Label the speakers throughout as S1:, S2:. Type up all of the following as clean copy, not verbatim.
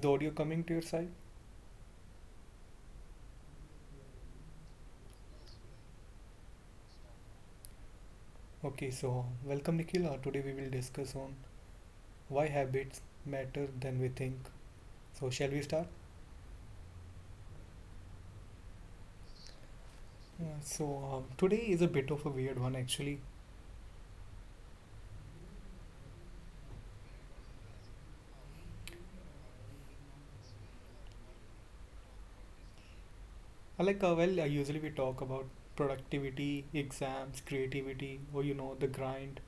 S1: the audio coming to your side? Okay, so welcome Nikhil. Today we will discuss on why habits matter than we think. So shall we start? So today is a bit of a weird one actually. Like, well, usually we talk about productivity, exams, creativity, or the grind,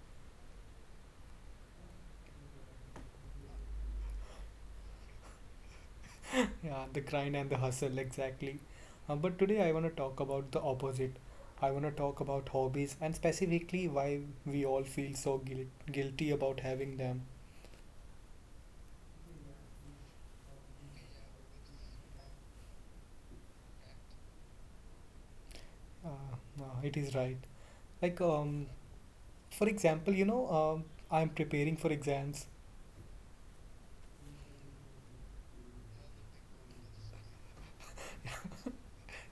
S1: yeah, the grind and the hustle exactly. But today I want to talk about the opposite. I want to talk about hobbies and specifically why we all feel so guilty about having them. Uh, no, it is right. Like, for example, I'm preparing for exams.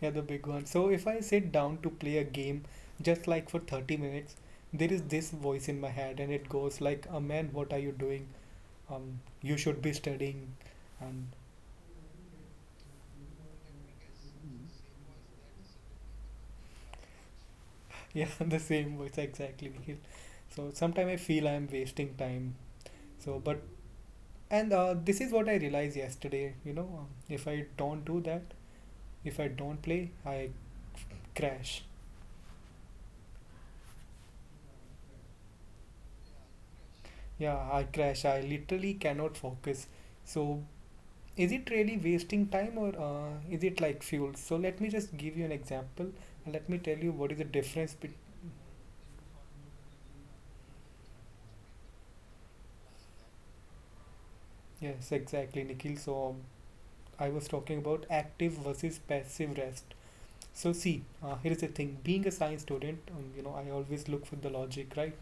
S1: Yeah, the big one. So if I sit down to play a game, just like for 30 minutes, there is this voice in my head, and it goes like, "A man, what are you doing? Um, you should be studying." And yeah, the same voice exactly, Nikhil. So sometimes I feel I'm wasting time. So, but and this is what I realized yesterday. If I don't do that, if I don't play, I crash. Yeah, I crash. I literally cannot focus. So, is it really wasting time, or is it like fuel? So, let me just give you an example and let me tell you what is the difference between. Yes, exactly, Nikhil. So, I was talking about active versus passive rest. So, see, here is the thing. Being a science student, I always look for the logic, right?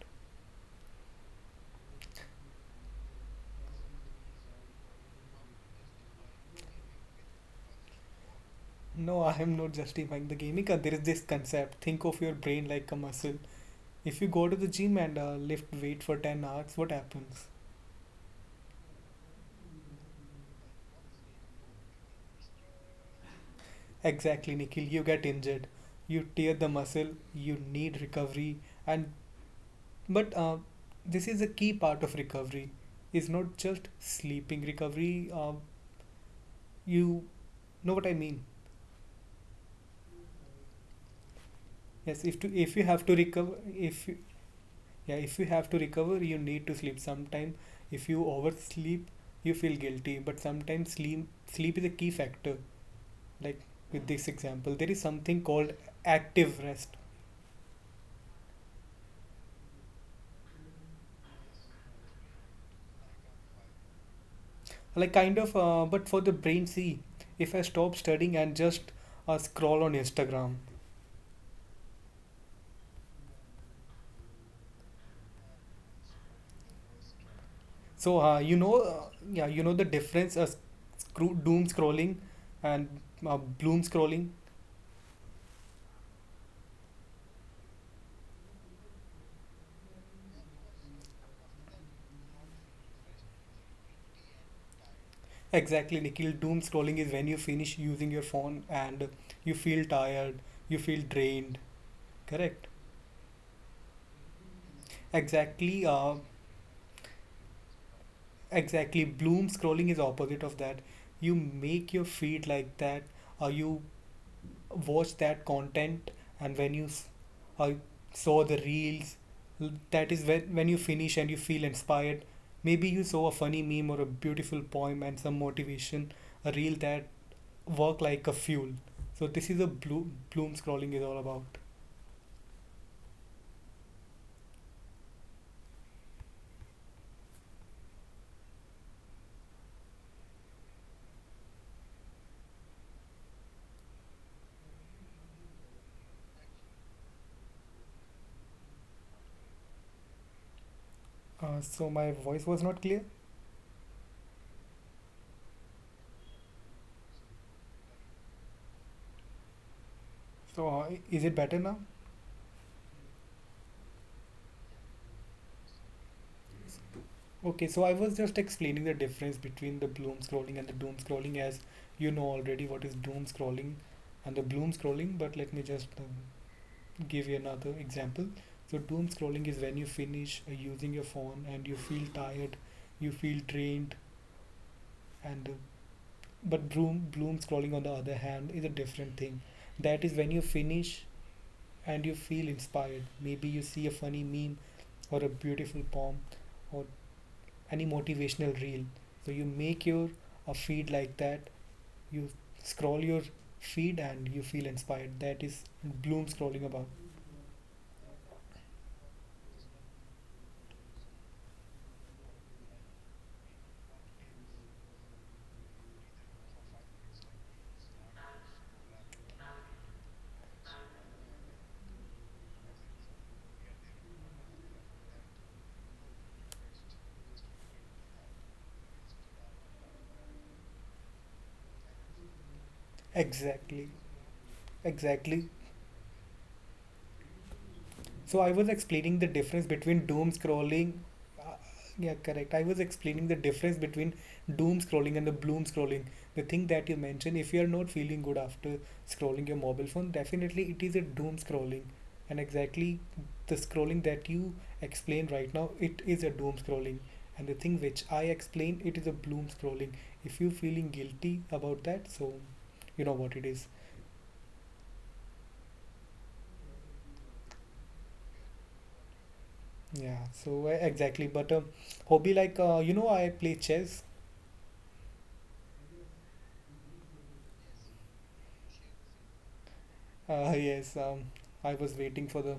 S1: No, I am not justifying the gimmick. There is this concept. Think of your brain like a muscle. If you go to the gym and lift weight for 10 hours, what happens? Exactly, Nikhil. You get injured. You tear the muscle. You need recovery. And but this is a key part of recovery. Is not just sleeping recovery. You know what I mean. Yes, if you have to recover, if, yeah, if you have to recover, you need to sleep sometime. If you oversleep, you feel guilty, but sometimes sleep is a key factor. Like with this example, there is something called active rest, like kind of but for the brain. See, if I stop studying and just scroll on Instagram, so yeah, you know the difference, doom scrolling and bloom scrolling? Exactly, Nikhil. Doom scrolling is when you finish using your phone and you feel tired, you feel drained. Correct. Exactly. Exactly. Bloom scrolling is opposite of that. You make your feed like that. You watch that content, and when you uh, saw the reels, that is when you finish and you feel inspired. Maybe you saw a funny meme or a beautiful poem and some motivation, a reel that work like a fuel. So this is bloom scrolling is all about. So my voice was not clear. So is it better now? Okay, so I was just explaining the difference between the bloom scrolling and the doom scrolling, as you know already what is doom scrolling and the bloom scrolling, but let me just give you another example. So doom scrolling is when you finish using your phone and you feel tired, you feel drained. And uh, but bloom scrolling, on the other hand, is a different thing. That is when you finish and you feel inspired. Maybe you see a funny meme or a beautiful poem or any motivational reel. So you make your a feed like that. You scroll your feed and you feel inspired. That is bloom scrolling about. Exactly. Exactly. So I was explaining the difference between doom scrolling. Uh, yeah, correct. I was explaining the difference between doom scrolling and the bloom scrolling. The thing that you mentioned, if you are not feeling good after scrolling your mobile phone, definitely it is a doom scrolling. And exactly the scrolling that you explain right now, it is a doom scrolling. And the thing which I explain, it is a bloom scrolling. If you feeling guilty about that, so you know what it is. Yeah, so exactly. But hobby like I play chess. Yes, I was waiting for the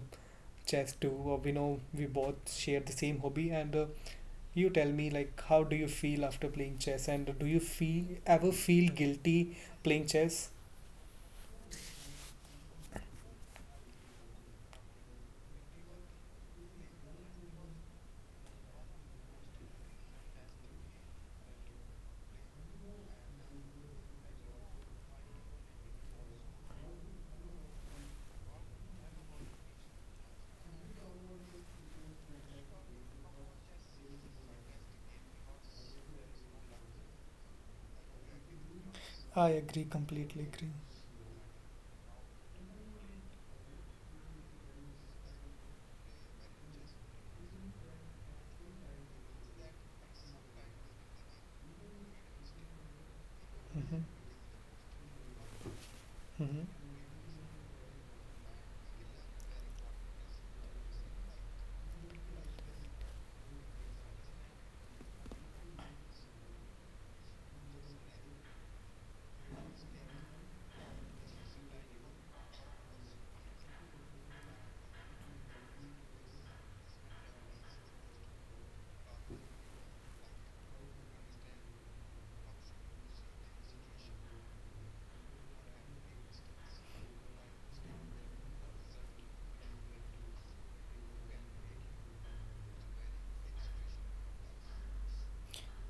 S1: chess too. We know we both share the same hobby, and you tell me, like, how do you feel after playing chess, and do you feel ever feel guilty playing chess? I agree, completely agree. Mm-hmm. Mm-hmm.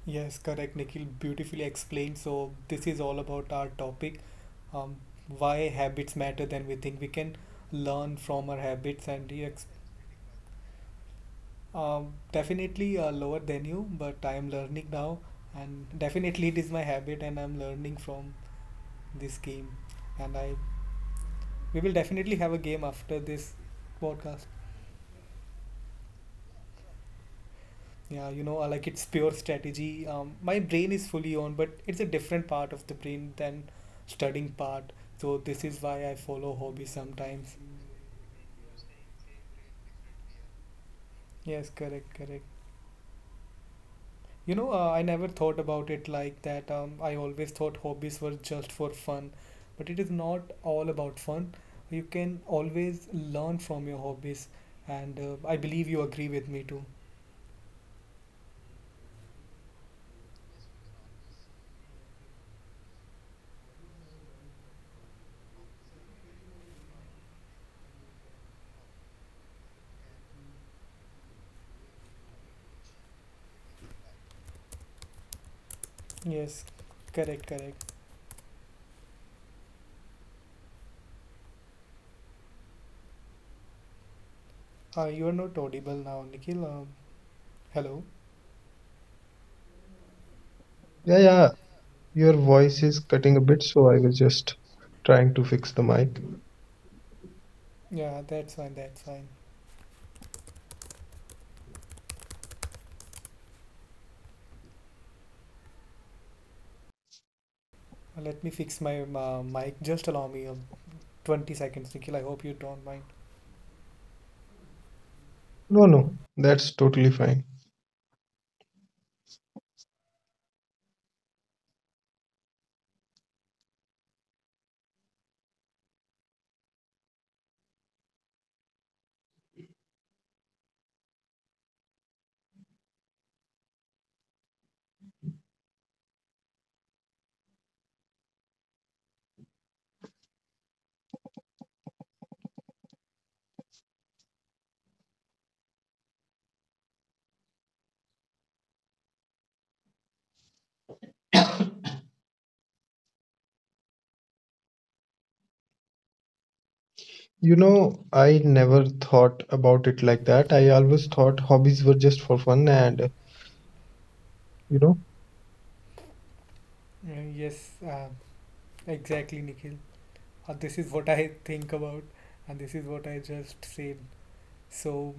S1: Yes, correct, Nikhil. Beautifully explained. So this is all about our topic, um, why habits matter than we think. We can learn from our habits, and definitely lower than you, but I am learning now, and definitely it is my habit, and I'm learning from this game. And we will definitely have a game after this podcast. Yeah, like it's pure strategy. My brain is fully on, but it's a different part of the brain than studying part. So this is why I follow hobby sometimes. Yes, correct, correct. I never thought about it like that. I always thought hobbies were just for fun, but it is not all about fun. You can always learn from your hobbies, and I believe you agree with me too. Yes, correct, correct. You are not audible now, Nikhil. Hello.
S2: Yeah, yeah. Your voice is cutting a bit, so I was just trying to fix the mic.
S1: Yeah, that's fine, that's fine. Let me fix my mic. Just allow me 20 seconds, Nikhil. I hope you don't mind.
S2: No, no, that's totally fine. I never thought about it like that. I always thought hobbies were just for fun, and you know,
S1: Yes, exactly, Nikhil. This is what I think about, and this is what I just said. So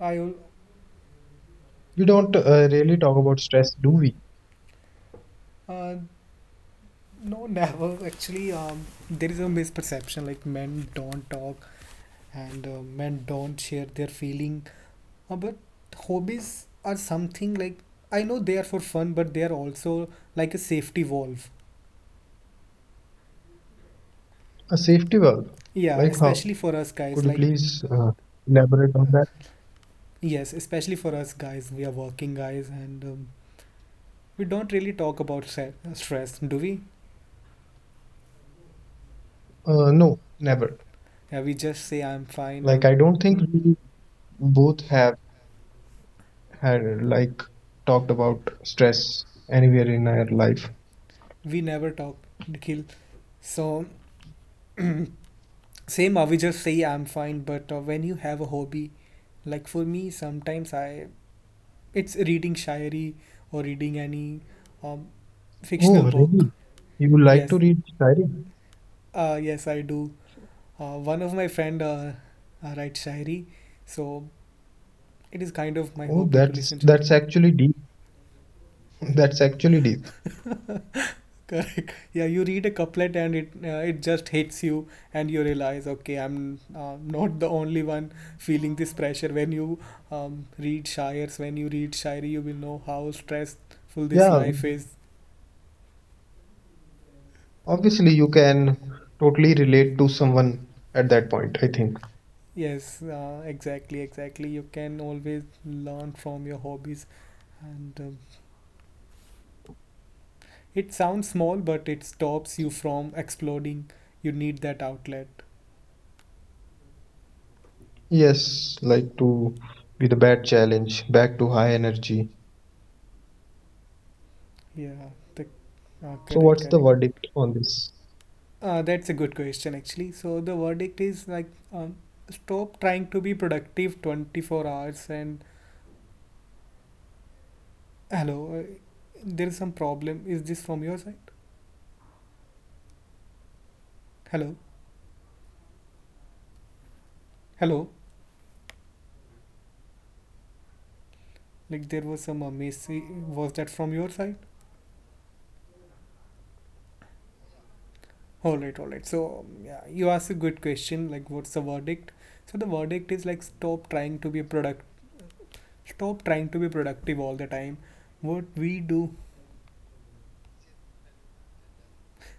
S1: I al-
S2: we don't really talk about stress, do we?
S1: uh, no never actually. There is a misperception like men don't talk, and men don't share their feeling, but hobbies are something, like, I know they are for fun, but they are also like a safety valve.
S2: A safety valve,
S1: Yeah,
S2: like how?
S1: especially for us guys,
S2: Could you
S1: like
S2: please elaborate on that?
S1: yes, especially for us guys, we are working guys and we don't really talk about stress, do we?
S2: No, never.
S1: Yeah, we just say I'm fine.
S2: Like, I don't
S1: We
S2: think we both have had like talked about stress anywhere in our life.
S1: never talk, Nikhil, so same, I will just say I'm fine. But when you have a hobby, like for me sometimes I it's reading shayari or reading any um, fictional
S2: Oh,
S1: book.
S2: really? You like to
S1: Yes,
S2: read diary?
S1: yes, I do. One of my friend writes shayari, so it is kind of my
S2: Oh,
S1: hobby to
S2: that's
S1: listen shayari.
S2: that's actually deep. That's actually deep.
S1: Correct. Yeah, you read a couplet, and it just hits you, and you realize, okay, I'm not the only one feeling this pressure. When you read shires, when you read shairi, you will know how stressful this
S2: Yeah,
S1: life is.
S2: obviously you can totally relate to someone at that point, I think.
S1: Yes, exactly, exactly. You can always learn from your hobbies, and it sounds small, but it stops you from exploding. You need that outlet.
S2: Yes, like to be the bad challenge, back to high energy.
S1: Yeah, the,
S2: So
S1: correct,
S2: what's the
S1: correct.
S2: verdict on this?
S1: That's a good question, actually. So the verdict is like, um, stop trying to be productive 24 hours, and hello, there is some problem. Is this from your side? Hello, hello. Like there was some miss. Was that from your side? All right, all right. So yeah, you asked a good question. Like, what's the verdict? So the verdict is like, stop trying to be productive all the time. What we do.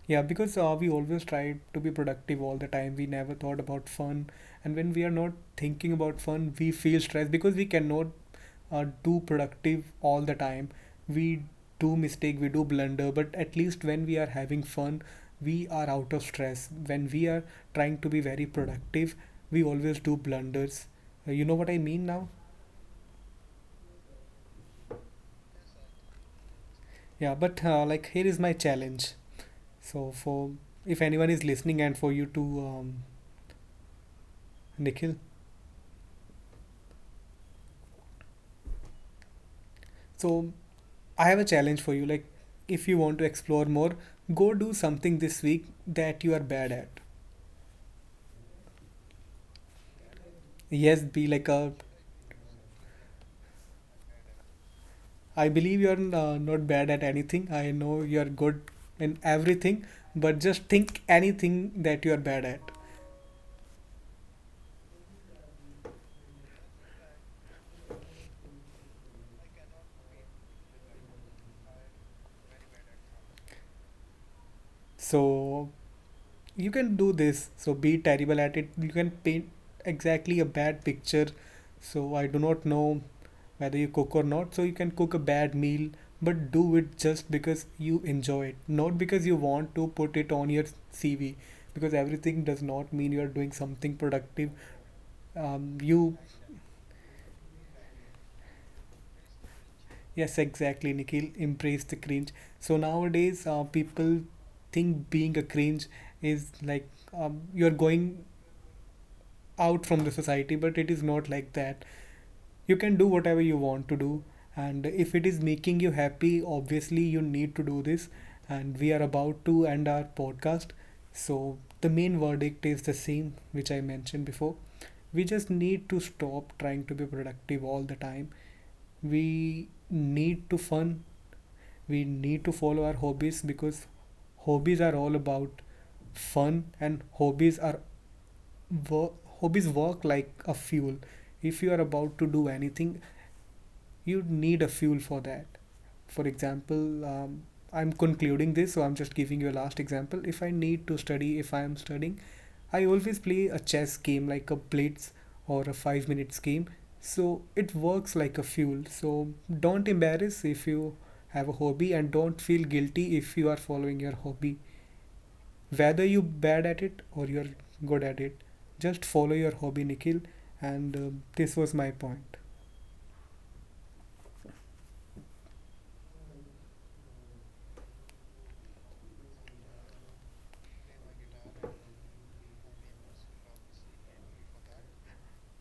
S1: Yeah, because we always try to be productive all the time. We never thought about fun. And when we are not thinking about fun, we feel stressed because we cannot do productive all the time. We do mistake, we do blunder, but at least when we are having fun, we are out of stress. When we are trying to be very productive, we always do blunders. You know what I mean now? Yeah, but like, here is my challenge. So for if anyone is listening and for you too, Nikhil. So I have a challenge for you. Like, if you want to explore more, go do something this week that you are bad at. Yes, be like a. I believe you're not bad at anything. I know you're good in everything, but just think anything that you're bad at. So, you can do this. So be terrible at it. You can paint exactly a bad picture. So I do not know whether you cook or not. So you can cook a bad meal, but do it just because you enjoy it, not because you want to put it on your CV, because everything does not mean you are doing something productive. You Yes, exactly, Nikhil, embrace the cringe. So nowadays, people think being a cringe is like, you're going out from the society, but it is not like that. You can do whatever you want to do, and if it is making you happy, obviously you need to do this. And we are about to end our podcast, so the main verdict is the same which I mentioned before. We just need to stop trying to be productive all the time. We need to fun. We need to follow our hobbies because hobbies are all about fun, and hobbies are work, hobbies work like a fuel. If you are about to do anything, you need a fuel for that. For example, I'm concluding this, so I'm just giving you a last example. If I need to study, if I am studying, I always play a chess game like a blitz or a 5 minutes game. So it works like a fuel. So don't embarrass if you have a hobby, and don't feel guilty if you are following your hobby, whether you bad at it or you're good at it. Just follow your hobby, Nikhil, and this was my point.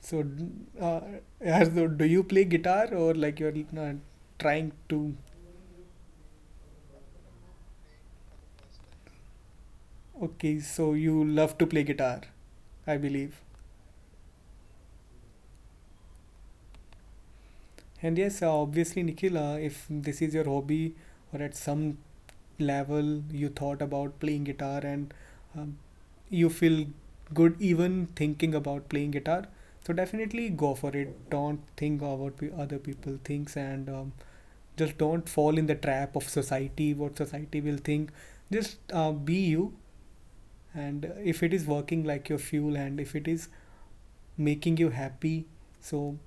S1: So uh, as though, do you play guitar, or like you're trying to? Okay, so you love to play guitar, I believe. And yes, obviously, Nikhil, if this is your hobby or at some level you thought about playing guitar, and um, you feel good even thinking about playing guitar, so definitely go for it. Don't think about what other people thinks, and just don't fall in the trap of society, what society will think. Just be you. And if it is working like your fuel and if it is making you happy, so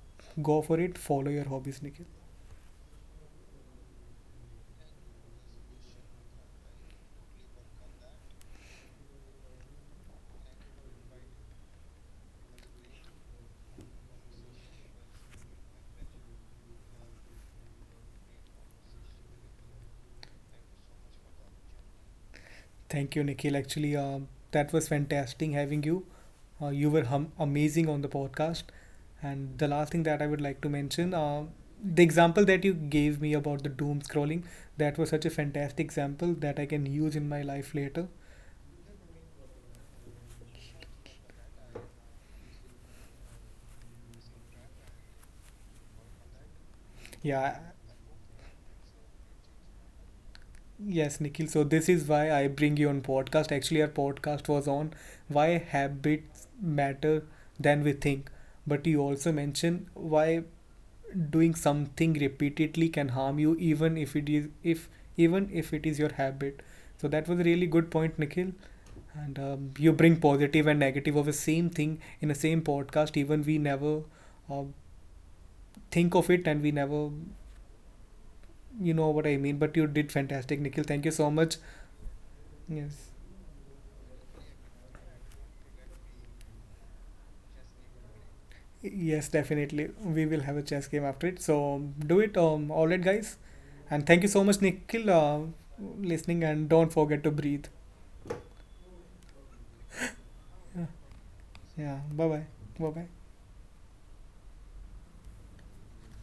S1: go for it. Follow your hobbies, Nikhil. Thank you, Nikhil. Actually, that was fantastic having you. You were amazing on the podcast. And the last thing that I would like to mention, the example that you gave me about the doom scrolling, that was such a fantastic example that I can use in my life later. Yeah. Yes, Nikhil. So this is why I bring you on podcast. Actually, our podcast was on why habits matter than we think. But you also mentioned why doing something repeatedly can harm you, even if it is your habit. So that was a really good point, Nikhil, and you bring positive and negative of the same thing in the same podcast, even we never uh, think of it, and we never, you know what I mean, but you did fantastic, Nikhil. Thank you so much. Yes, yes, definitely we will have a chess game after it, so do it. All right guys, and thank you so much, Nikhil, listening, and don't forget to breathe. Yeah. Yeah, bye bye, bye bye.